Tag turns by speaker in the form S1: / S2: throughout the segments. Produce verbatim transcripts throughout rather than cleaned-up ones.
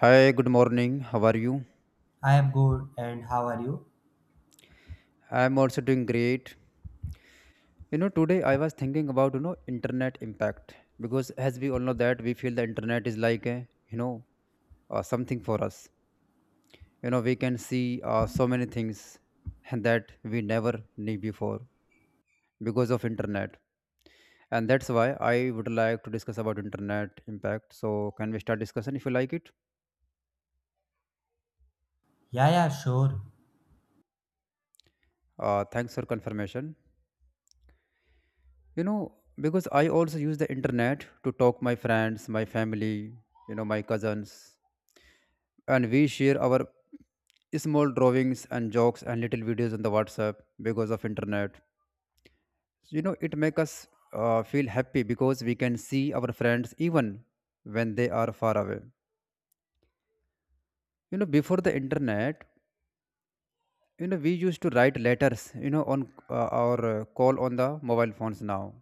S1: Hi, good morning. How are you?
S2: I am good and how are you?
S1: I'm also doing great. You know, today I was thinking about, you know, internet impact because as we all know that we feel the internet is like a, you know, uh, something for us. You know, we can see uh, so many things and that we never knew before because of internet. And that's why I would like to discuss about internet impact. So, can we start discussion if you like it?
S2: Yeah, yeah, sure.
S1: Uh, thanks for confirmation. you know because I also use the internet to talk my friends my family, you know my cousins, and we share our small drawings and jokes and little videos on the WhatsApp because of internet. You know it make us uh, feel happy because we can see our friends even when they are far away. You know before the internet, you know we used to write letters, you know on uh, or uh, call on the mobile phones now.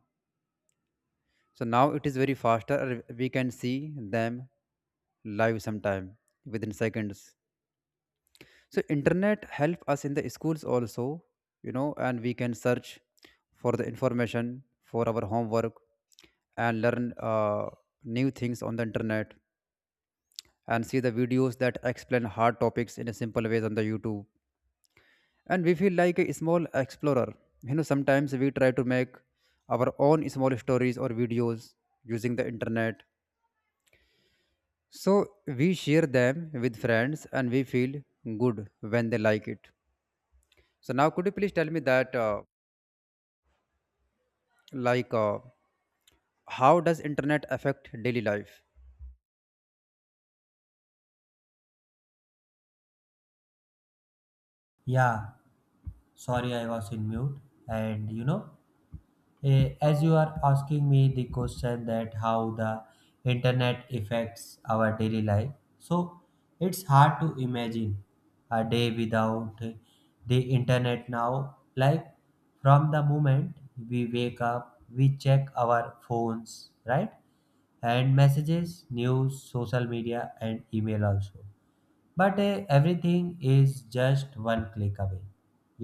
S1: So now it is very faster. and We can see them live sometime within seconds. So internet help us in the schools also, you know, and we can search for the information for our homework and learn uh, new things on the internet and see the videos that explain hard topics in a simple ways on the YouTube. And we feel like a small explorer. You know, sometimes we try to make our own small stories or videos using the internet. So we share them with friends and we feel good when they like it. So now could you please tell me that uh, like uh, how does internet affect daily life?
S2: Yeah, sorry I was in mute. And you know, eh, as you are asking me the question that how the internet affects our daily life, so it's hard to imagine a day without the internet now. Like from the moment we wake up, we check our phones, right? And messages, news, social media, and email also, but uh, everything is just one click away.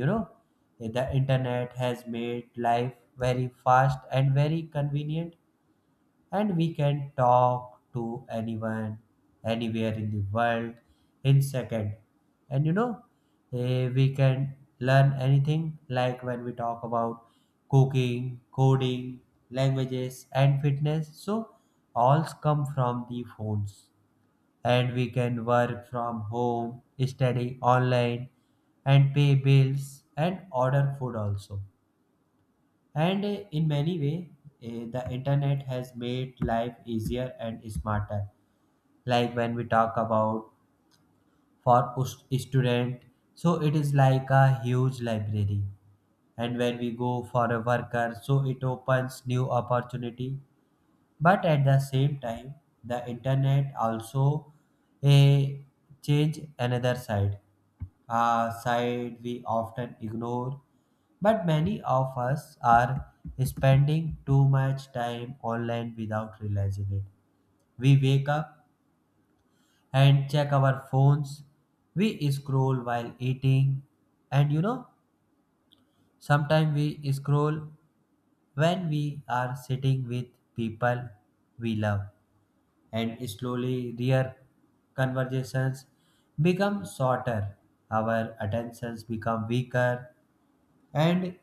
S2: you know eh, the internet has made life very fast and very convenient, and we can talk to anyone anywhere in the world in second. And you know eh, we can learn anything, like when we talk about cooking, coding, languages, and fitness, so all come from the phones. And we can work from home, study online, and pay bills and order food also. And uh, in many way, uh, the internet has made life easier and smarter. Like when we talk about for us- student, so it is like a huge library. And when we go for a worker, so it opens new opportunity. But at the same time, the internet also a change another side, a side we often ignore. But many of us are spending too much time online without realizing it. We wake up and check our phones. We scroll while eating, and you know sometimes we scroll when we are sitting with people we love, and slowly their conversations become shorter, our attentions become weaker, and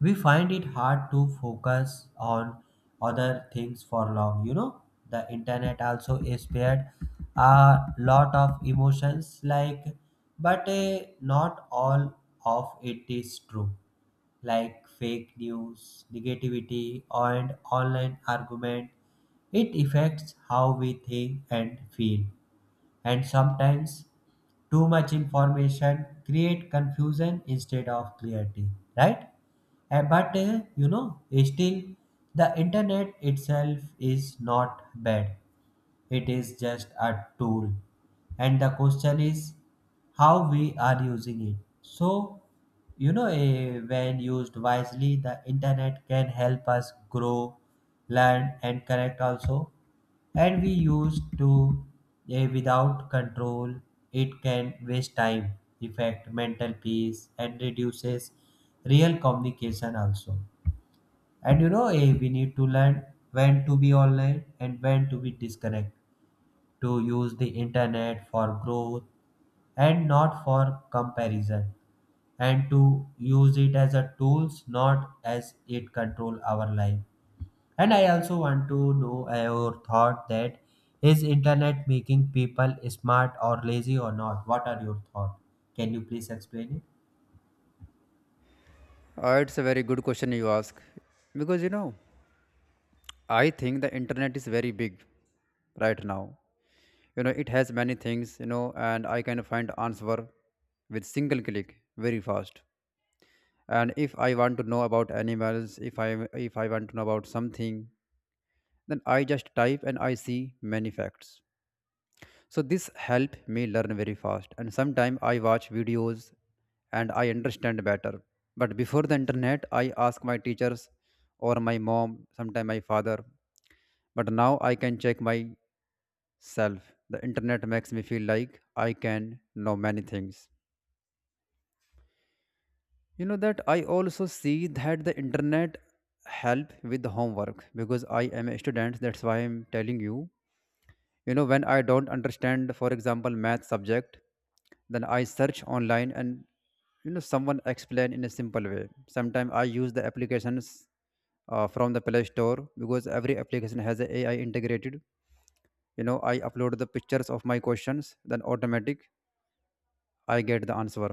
S2: we find it hard to focus on other things for long. You know, the internet also is spared a lot of emotions, like, but eh, not all of it is true, like fake news, negativity, and online argument. It affects how we think and feel. And sometimes too much information create confusion instead of clarity, right? Uh, but uh, you know, still the internet itself is not bad. It is just a tool. And the question is how we are using it. So, you know, eh, when used wisely, the internet can help us grow, learn, and connect also. And we used to eh, without control, it can waste time, affect mental peace, and reduces real communication also. And you know, eh, we need to learn when to be online and when to be disconnected, to use the internet for growth and not for comparison, and to use it as a tools not as it control our life. And I also want to know your thought, that is internet making people smart or lazy or not? What are your thought? Can you please explain it?
S1: Uh, it's a very good question you ask because you know I think the internet is very big right now. You know it has many things, you know and I can find answer with single click very fast. And if I want to know about animals, if I if I want to know about something, then I just type and I see many facts. So this helped me learn very fast, and sometimes I watch videos and I understand better. But before the internet I ask my teachers or my mom, sometimes my father. But now I can check myself. The internet makes me feel like I can know many things. You know that I also see that the internet help with the homework because I am a student, that's why I'm telling you. You know When I don't understand, for example, math subject, then I search online, and you know someone explain in a simple way. Sometimes I use the applications uh, from the Play Store because every application has a AI integrated. you know I upload the pictures of my questions, then automatic I get the answer.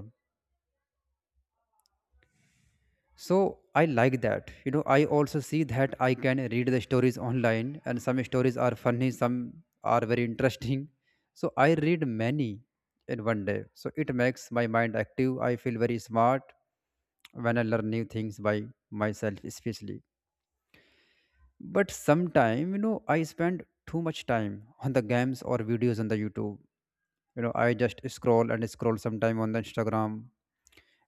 S1: So I like that. You know, I also see that I can read the stories online, and some stories are funny, some are very interesting. So I read many in one day. So it makes my mind active. I feel very smart when I learn new things by myself, especially. But sometime, you know, I spend too much time on the games or videos on the YouTube. You know, I just scroll and scroll sometime on the Instagram,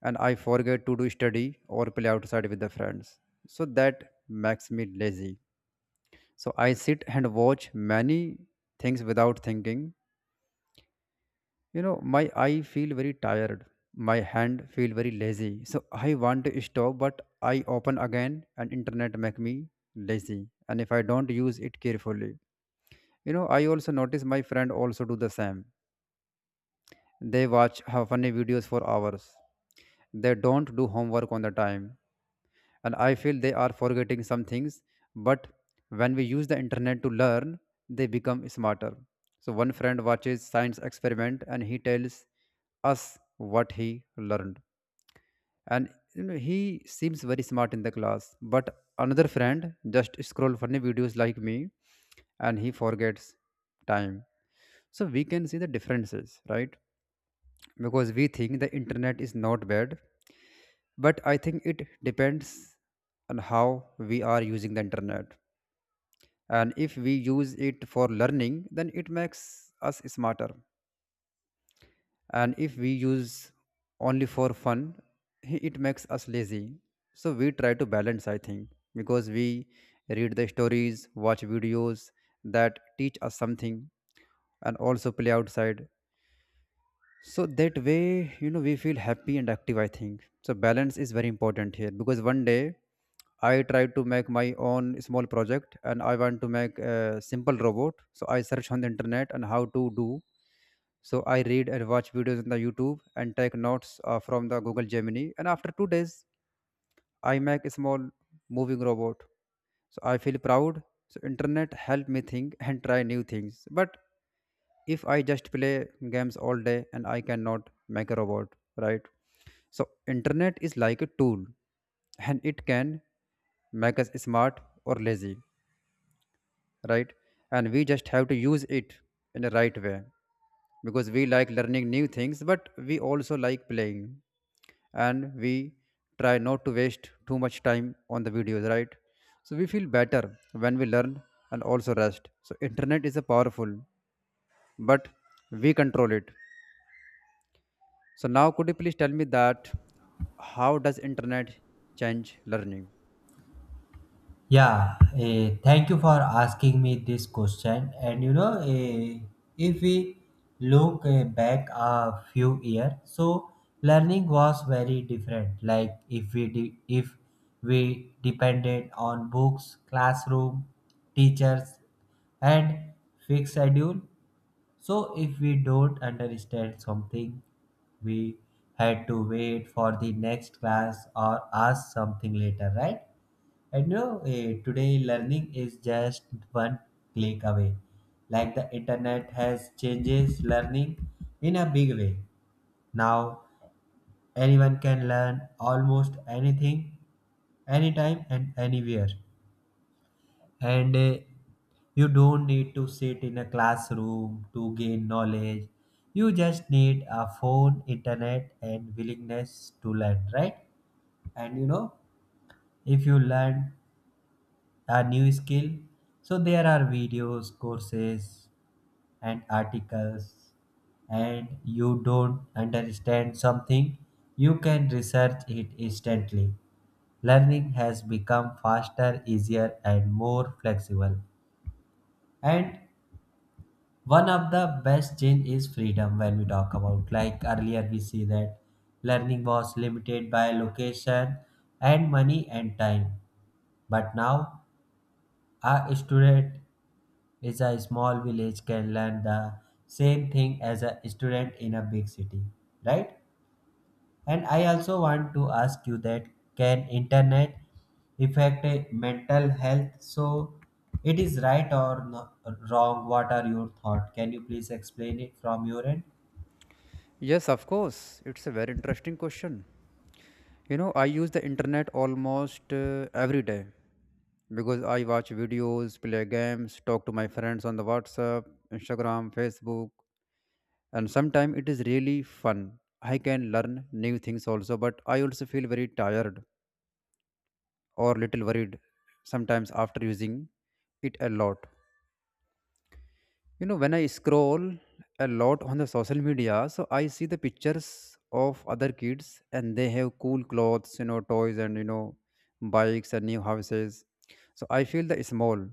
S1: and I forget to do study or play outside with the friends. So that makes me lazy. So I sit and watch many things without thinking. You know, my eye feel very tired. My hand feel very lazy. So I want to stop, but I open again and internet make me lazy. And if I don't use it carefully, you know, I also notice my friend also do the same. They watch uh, funny videos for hours. They don't do homework on the time, and I feel they are forgetting some things. But when we use the internet to learn, they become smarter. So one friend watches science experiment, and he tells us what he learned. And you know he seems very smart in the class, but another friend just scroll funny videos like me, and he forgets time. So we can see the differences, right? Because we think the internet is not bad, but I think it depends on how we are using the internet. And if we use it for learning, then it makes us smarter. And if we use only for fun, it makes us lazy. So we try to balance, I think. Because we read the stories, watch videos that teach us something, and also play outside. So that way, you know, we feel happy and active, I think. So balance is very important here because one day I tried to make my own small project and I want to make a simple robot. So I search on the internet and how to do. So I read and watch videos on the YouTube and take notes uh, from the Google Gemini. And after two days, I make a small moving robot. So I feel proud. So internet help me think and try new things. But if I just play games all day, and I cannot make a robot, right? So internet is like a tool and it can make us smart or lazy, right? And we just have to use it in the right way because we like learning new things, but we also like playing. And we try not to waste too much time on the videos, right? So we feel better when we learn and also rest. So internet is a powerful, but we control it. So now could you please tell me that how does internet change learning?
S2: Yeah, eh, thank you for asking me this question. And you know, eh, if we look eh, back a few years, so learning was very different. Like if we de- if we depended on books, classroom, teachers, and fixed schedule. So if we don't understand something, we had to wait for the next class or ask something later, right? And you know, eh, today learning is just one click away. Like the internet has changes learning in a big way. Now anyone can learn almost anything, anytime and anywhere. And uh, you don't need to sit in a classroom to gain knowledge. You just need a phone, internet, and willingness to learn, right? And you know if you learn a new skill, so there are videos, courses, and articles. And you don't understand something, you can research it instantly. Learning has become faster, easier, and more flexible. And one of the best change is freedom. When we talk about, like earlier we see that learning was limited by location and money and time, but now a student is a small village can learn the same thing as a student in a big city, right? And I also want to ask you that, can internet affect uh, mental health? So it is right or no, wrong? What are your thought? Can you please explain it from your end?
S1: Yes, of course. It's a very interesting question. You know, I use the internet almost uh, every day because I watch videos, play games, talk to my friends on the WhatsApp, Instagram, Facebook, and sometimes it is really fun. I can learn new things also, but I also feel very tired or little worried sometimes after using it a lot. You know, when I scroll a lot on the social media, so I see the pictures of other kids and they have cool clothes, you know, toys, and, you know, bikes and new houses. So I feel the small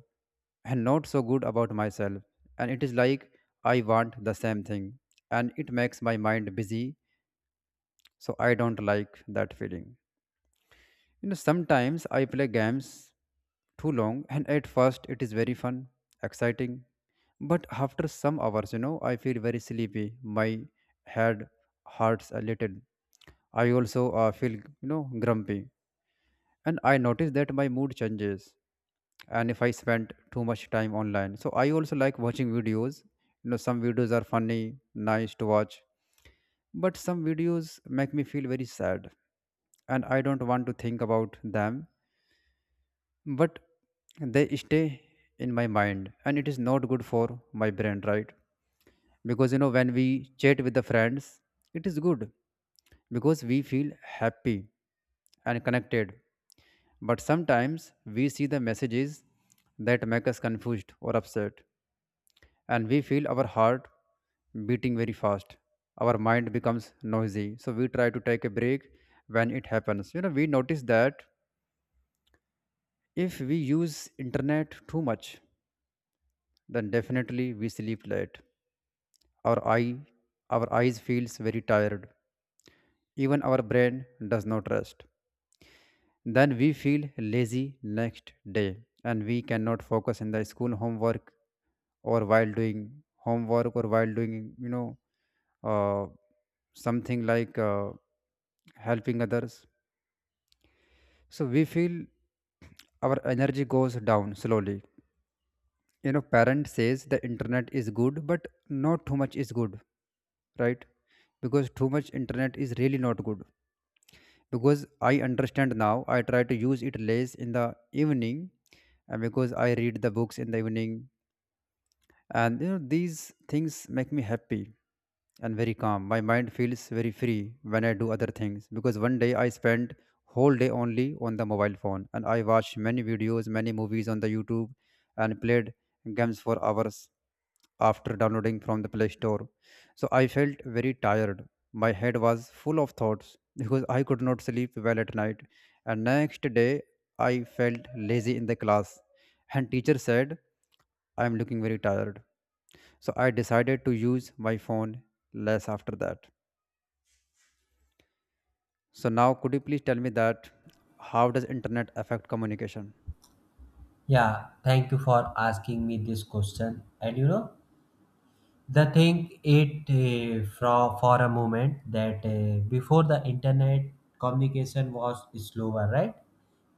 S1: and not so good about myself. And it is like I want the same thing, and it makes my mind busy. So I don't like that feeling. You know, sometimes I play games too long, and at first it is very fun, exciting. But after some hours, you know, I feel very sleepy. My head hurts a little. I also uh, feel, you know, grumpy. And I notice that my mood changes. And if I spend too much time online, so I also like watching videos. You know, some videos are funny, nice to watch. But some videos make me feel very sad. And I don't want to think about them. But they stay in my mind. And it is not good for my brain, right? Because you know when we chat with the friends, it is good because we feel happy and connected. But sometimes we see the messages that make us confused or upset, and we feel our heart beating very fast, our mind becomes noisy, so we try to take a break when it happens. You know we notice that if we use internet too much, then definitely we sleep late, our eye our eyes feels very tired, even our brain does not rest. Then we feel lazy next day and we cannot focus in the school homework or while doing homework or while doing, you know, uh, something like uh, helping others. So we feel our energy goes down slowly. You know, parent says the internet is good, but not too much is good, right? Because too much internet is really not good because I understand now. I try to use it less in the evening uh, because I read the books in the evening. And you know these things make me happy and very calm. My mind feels very free when I do other things because one day I spent whole day only on the mobile phone, and I watched many videos, many movies on the YouTube, and played games for hours after downloading from the Play Store. So I felt very tired, my head was full of thoughts because I could not sleep well at night. And next day I felt lazy in the class and teacher said I am looking very tired. So I decided to use my phone less after that. So now could you please tell me that how does internet affect communication?
S2: Yeah, thank you for asking me this question. And you know, the thing it uh, from for a moment that uh, before the internet communication was slower, right?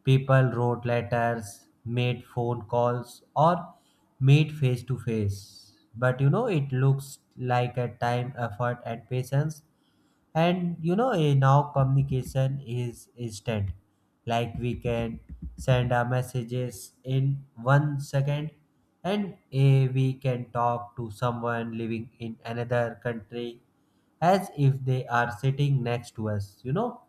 S2: People wrote letters, made phone calls, or made face to face. But you know, it looks like a time, effort, and patience. And you know eh, now communication is instant, like we can send our messages in one second. And eh, we can talk to someone living in another country as if they are sitting next to us. you know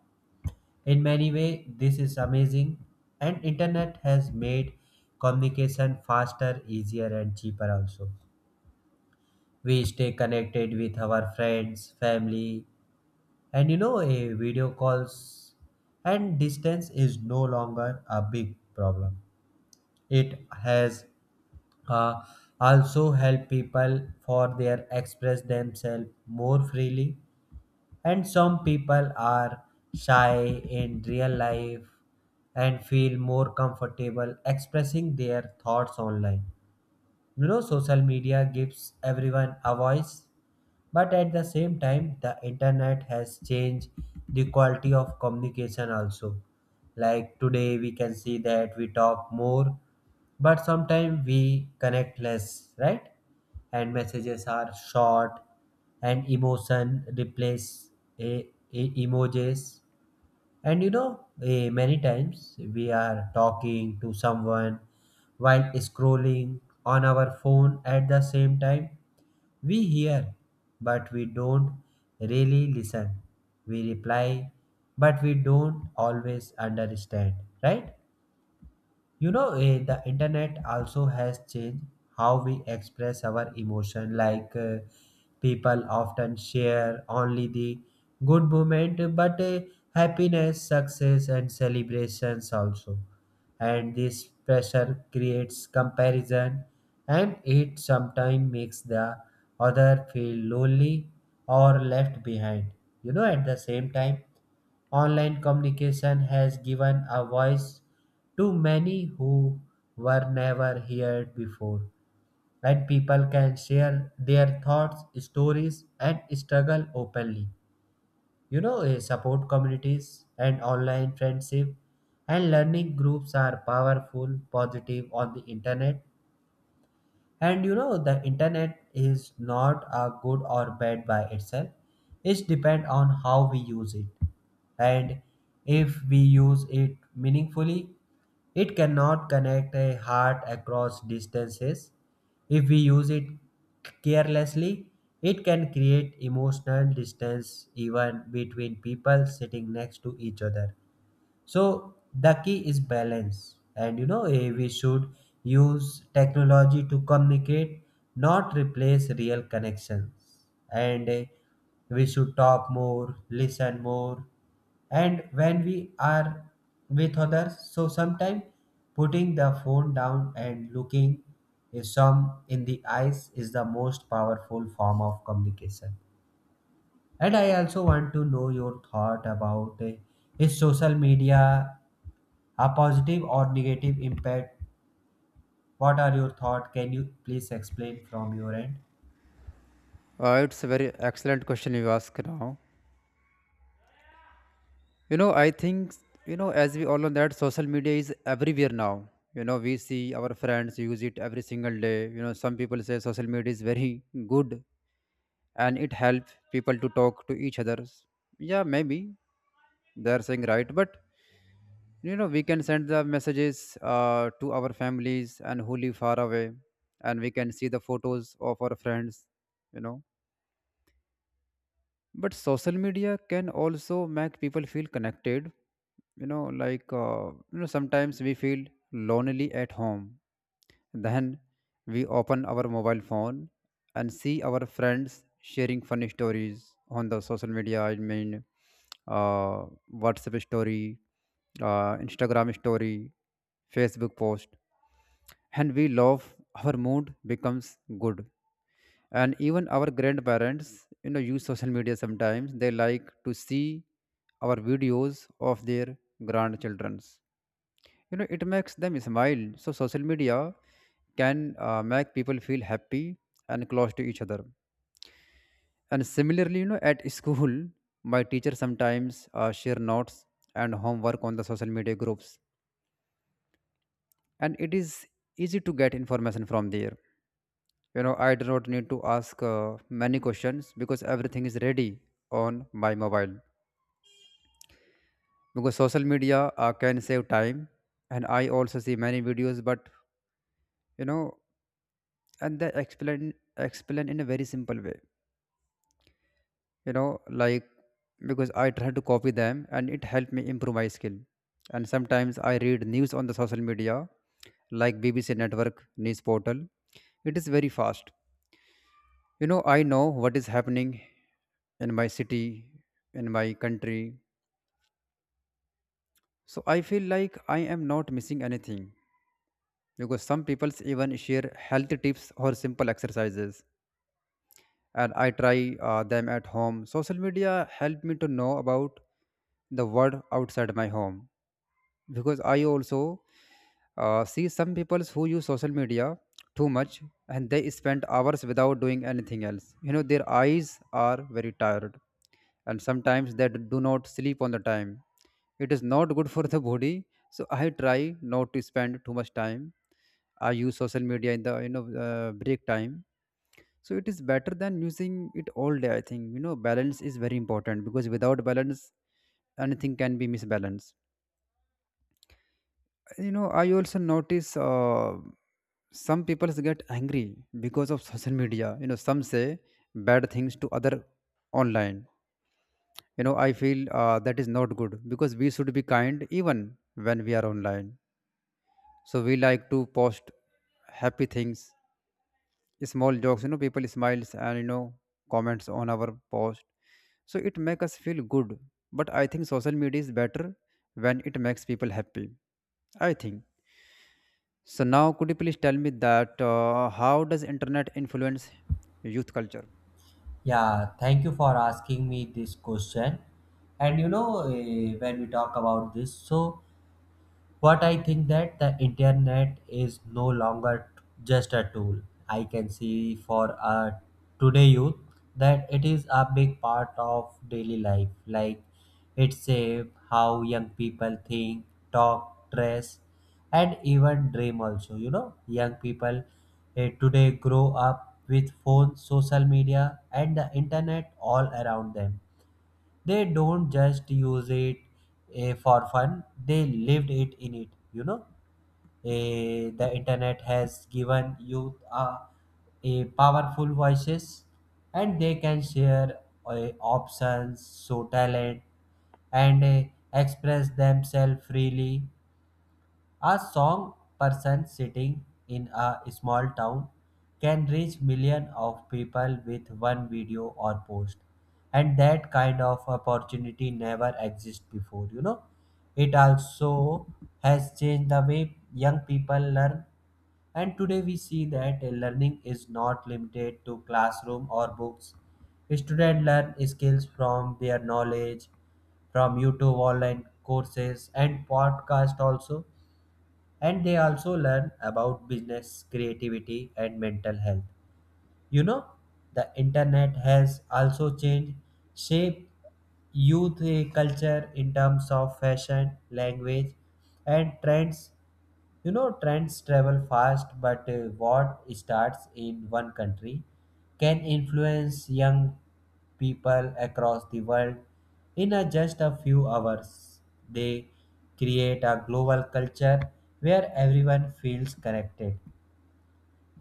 S2: In many way, this is amazing. And internet has made communication faster, easier, and cheaper also. We stay connected with our friends, family, and you know, a video calls, and distance is no longer a big problem. It has uh, also helped people for their express themselves more freely. And some people are shy in real life and feel more comfortable expressing their thoughts online. You know, social media gives everyone a voice. But at the same time, the internet has changed the quality of communication also. Like today, we can see that we talk more, but sometimes we connect less, right? And messages are short, and emotion replace a, a emojis. And you know, eh, many times we are talking to someone while scrolling on our phone. At the same time, we hear, but we don't really listen. We reply, but we don't always understand, right? You know, eh, the internet also has changed how we express our emotion. Like uh, people often share only the good moment, but eh, happiness, success, and celebrations also. And this pressure creates comparison, and it sometimes makes the other feel lonely or left behind. You know, at the same time, online communication has given a voice to many who were never heard before. When people can share their thoughts, stories, and struggle openly, you know, eh, support communities and online friendship and learning groups are powerful, positive on the internet. And you know, the internet is not a good or bad by itself. It depends on how we use it. And if we use it meaningfully, it cannot connect a heart across distances. If we use it carelessly, it can create emotional distance even between people sitting next to each other. So the key is balance. And you know, eh, we should use technology to communicate, not replace real connections. And eh, we should talk more, listen more, and when we are with others, so sometimes putting the phone down and looking eh, some in the eyes is the most powerful form of communication. And I also want to know your thought about, eh, is social media a positive or negative impact? What are your thoughts? Can you please explain from your end?
S1: Uh, it's a very excellent question you ask now. You know, I think you know as we all know that social media is everywhere now. You know, we see our friends use it every single day. You know, some people say social media is very good and it helps people to talk to each others. Yeah, maybe they're saying right, but you know, we can send the messages uh, to our families and who live far away, and we can see the photos of our friends, you know. But social media can also make people feel connected, you know, like, uh, you know, sometimes we feel lonely at home, then we open our mobile phone and see our friends sharing funny stories on the social media. I mean, uh, WhatsApp story, uh, Instagram story, Facebook post, and we love. Our mood becomes good, and even our grandparents, you know, use social media sometimes. They like to see our videos of their grandchildrens you know It makes them smile. So social media can uh, make people feel happy and close to each other. And similarly, you know, at school, my teacher sometimes uh, share notes and homework on the social media groups, and it is easy to get information from there. You know i do not need to ask uh, many questions because everything is ready on my mobile, because social media uh, can save time. And I also see many videos, but you know and they explain explain in a very simple way, you know like because I try to copy them and it helped me improve my skill. And sometimes I read news on the social media, like BBC network news portal. It is very fast. You know, I know what is happening in my city, in my country, so I feel like I am not missing anything because some people even share health tips or simple exercises, and I try uh, them at home. Social media helped me to know about the world outside my home, because I also uh, see some people who use social media too much and they spend hours without doing anything else. You know, their eyes are very tired and sometimes they do not sleep on the time. It is not good for the body, so I try not to spend too much time. I use social media in the you know uh, break time, so it is better than using it all day, I think. You know, balance is very important because without balance anything can be misbalanced. You know, I also notice uh, some people get angry because of social media. You know, some say bad things to other online. You know, I feel uh, that is not good because we should be kind even when we are online. So we like to post happy things, small jokes. You know, people smiles and, you know, comments on our post, so it make us feel good. But I think social media is better when it makes people happy, I think. So now could you please tell me that uh, how does internet influence youth culture?
S2: Yeah, thank you for asking me this question. And you know eh, when we talk about this, so what I think that the internet is no longer t- just a tool. I can see for uh, today youth that it is a big part of daily life, like it shape how young people think, talk, dress, and even dream also. You know young people eh, today grow up with phones, social media, and the internet all around them. They don't just use it eh, for fun, they lived it in it you know Eh, the internet has given youth a, a powerful voices, and they can share eh, options, show talent, and eh, express themselves freely. A song person sitting in a small town can reach millions of people with one video or post. And that kind of opportunity never existed before, you know. It also has changed the way young people learn, and today we see that learning is not limited to classroom or books. Students learn skills from their knowledge, from YouTube, online courses, and podcast also. And they also learn about business, creativity, and mental health. You know, the internet has also changed, shaped youth eh, culture in terms of fashion, language, and trends. You know, trends travel fast, but uh, what starts in one country can influence young people across the world in a, just a few hours. They create a global culture where everyone feels connected.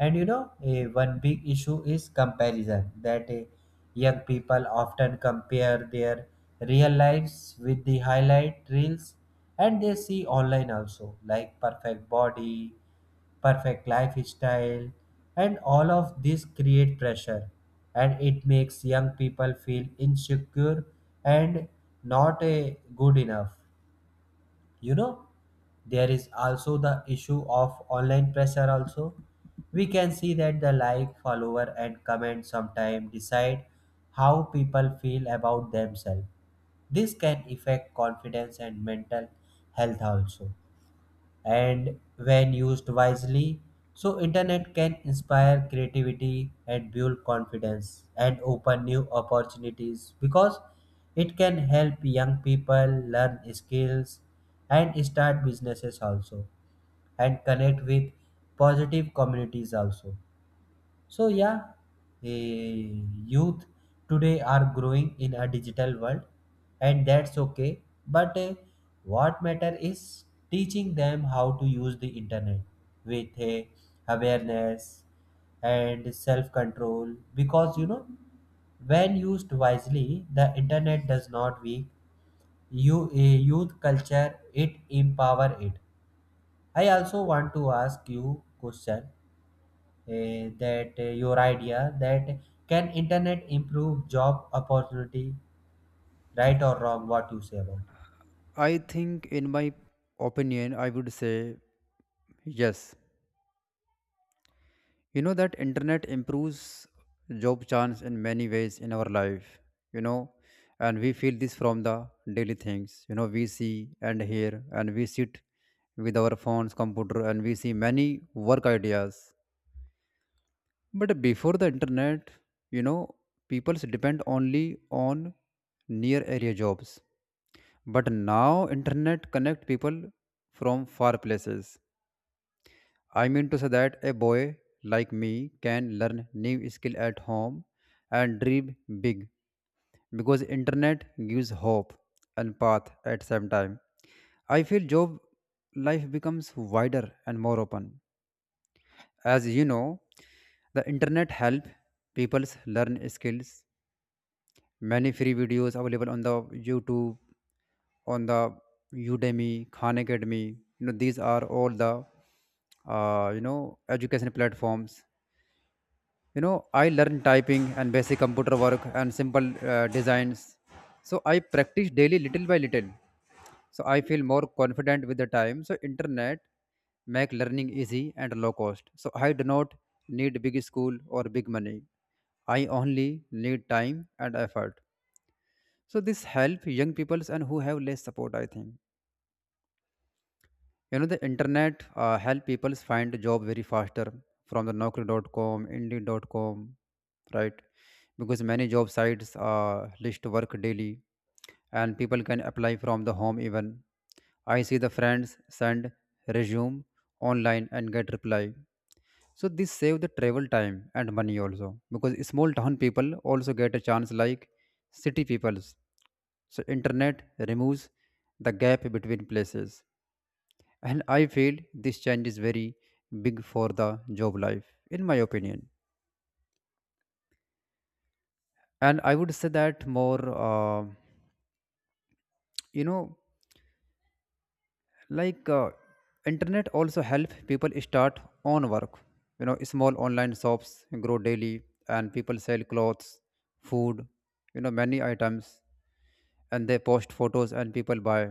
S2: And you know, eh, one big issue is comparison, that eh, young people often compare their real lives with the highlight reels, and they see online also, like perfect body, perfect lifestyle. And all of this create pressure, and it makes young people feel insecure and not eh, good enough. you know there is also the issue of online pressure also. We can see that the like, follower, and comment sometimes decide how people feel about themselves. This can affect confidence and mental health also. And when used wisely, so internet can inspire creativity and build confidence and open new opportunities, because it can help young people learn skills and start businesses also, and connect with positive communities also. So yeah, eh, youth today are growing in a digital world, and that's okay. But eh, what matter is teaching them how to use the internet with eh, awareness and self control. Because you know, when used wisely, the internet does not weak you a youth culture. It empower it. I also want to ask you question, eh, that eh, your idea that can internet improve job opportunity, right or wrong? What you say about it?
S1: I think in my opinion I would say yes, you know, that internet improves job chance in many ways in our life. You know, and we feel this from the daily things. You know, we see and hear, and we sit with our phones computer and we see many work ideas. But before the internet, you know, people depend only on near area jobs, but now internet connect people from far places. I mean to say that a boy like me can learn new skill at home and dream big because internet gives hope and path at same time. I feel job life becomes wider and more open. As you know, the internet help people's learn skills. Many free videos available on the YouTube, on the Udemy, Khan Academy. You know, these are all the uh, you know education platforms. You know, I learned typing and basic computer work and simple uh, designs. So I practice daily, little by little, so I feel more confident with the time. So internet make learning easy and low cost, so I do not need big school or big money. I only need time and effort, so this help young peoples and who have less support, I think. You know, the internet uh, help people find job very faster, from the naukri dot com, indeed dot com, right? Because many job sites uh, list work daily and people can apply from the home, even I see the friends send resume online and get reply. So this save the travel time and money also, because small town people also get a chance like city peoples. So internet removes the gap between places, and I feel this change is very big for the job life, in my opinion. And I would say that more uh, you know like uh, internet also help people start own work. You know, small online shops grow daily and people sell clothes, food, you know, many items, and they post photos and people buy.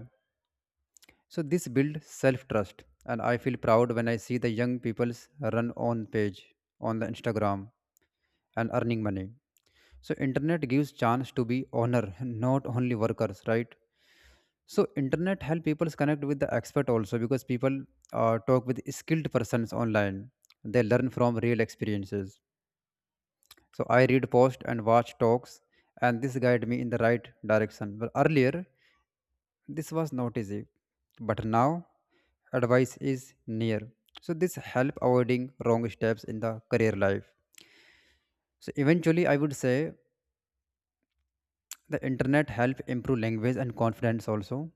S1: So this build self trust, and I feel proud when I see the young people's run on page on the Instagram and earning money. So internet gives chance to be honor, not only workers, right? So internet help people connect with the expert also, because people uh, talk with skilled persons online. They learn from real experiences. So I read posts and watch talks, and this guide me in the right direction. But earlier this was not easy, but now advice is near, so this help avoiding wrong steps in the career life. So eventually I would say the internet help improve language and confidence also,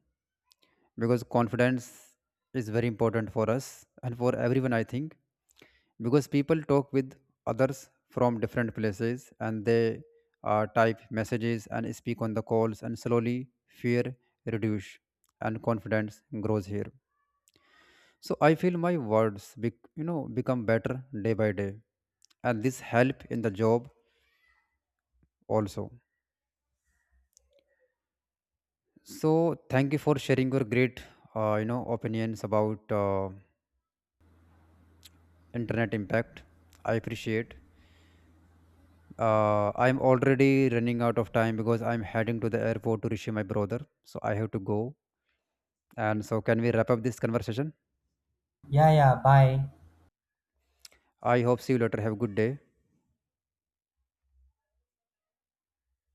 S1: because confidence is very important for us and for everyone, I think. Because people talk with others from different places, and they uh, type messages and speak on the calls, and slowly fear reduce and confidence grows here. So I feel my words be, you know, become better day by day, and this help in the job also. So thank you for sharing your great uh, you know opinions about uh, internet impact. I appreciate. Uh, I'm already running out of time because I'm heading to the airport to reach my brother. So I have to go. And so, can we wrap up this conversation?
S2: Yeah, yeah. Bye.
S1: I hope see you later. Have a good day.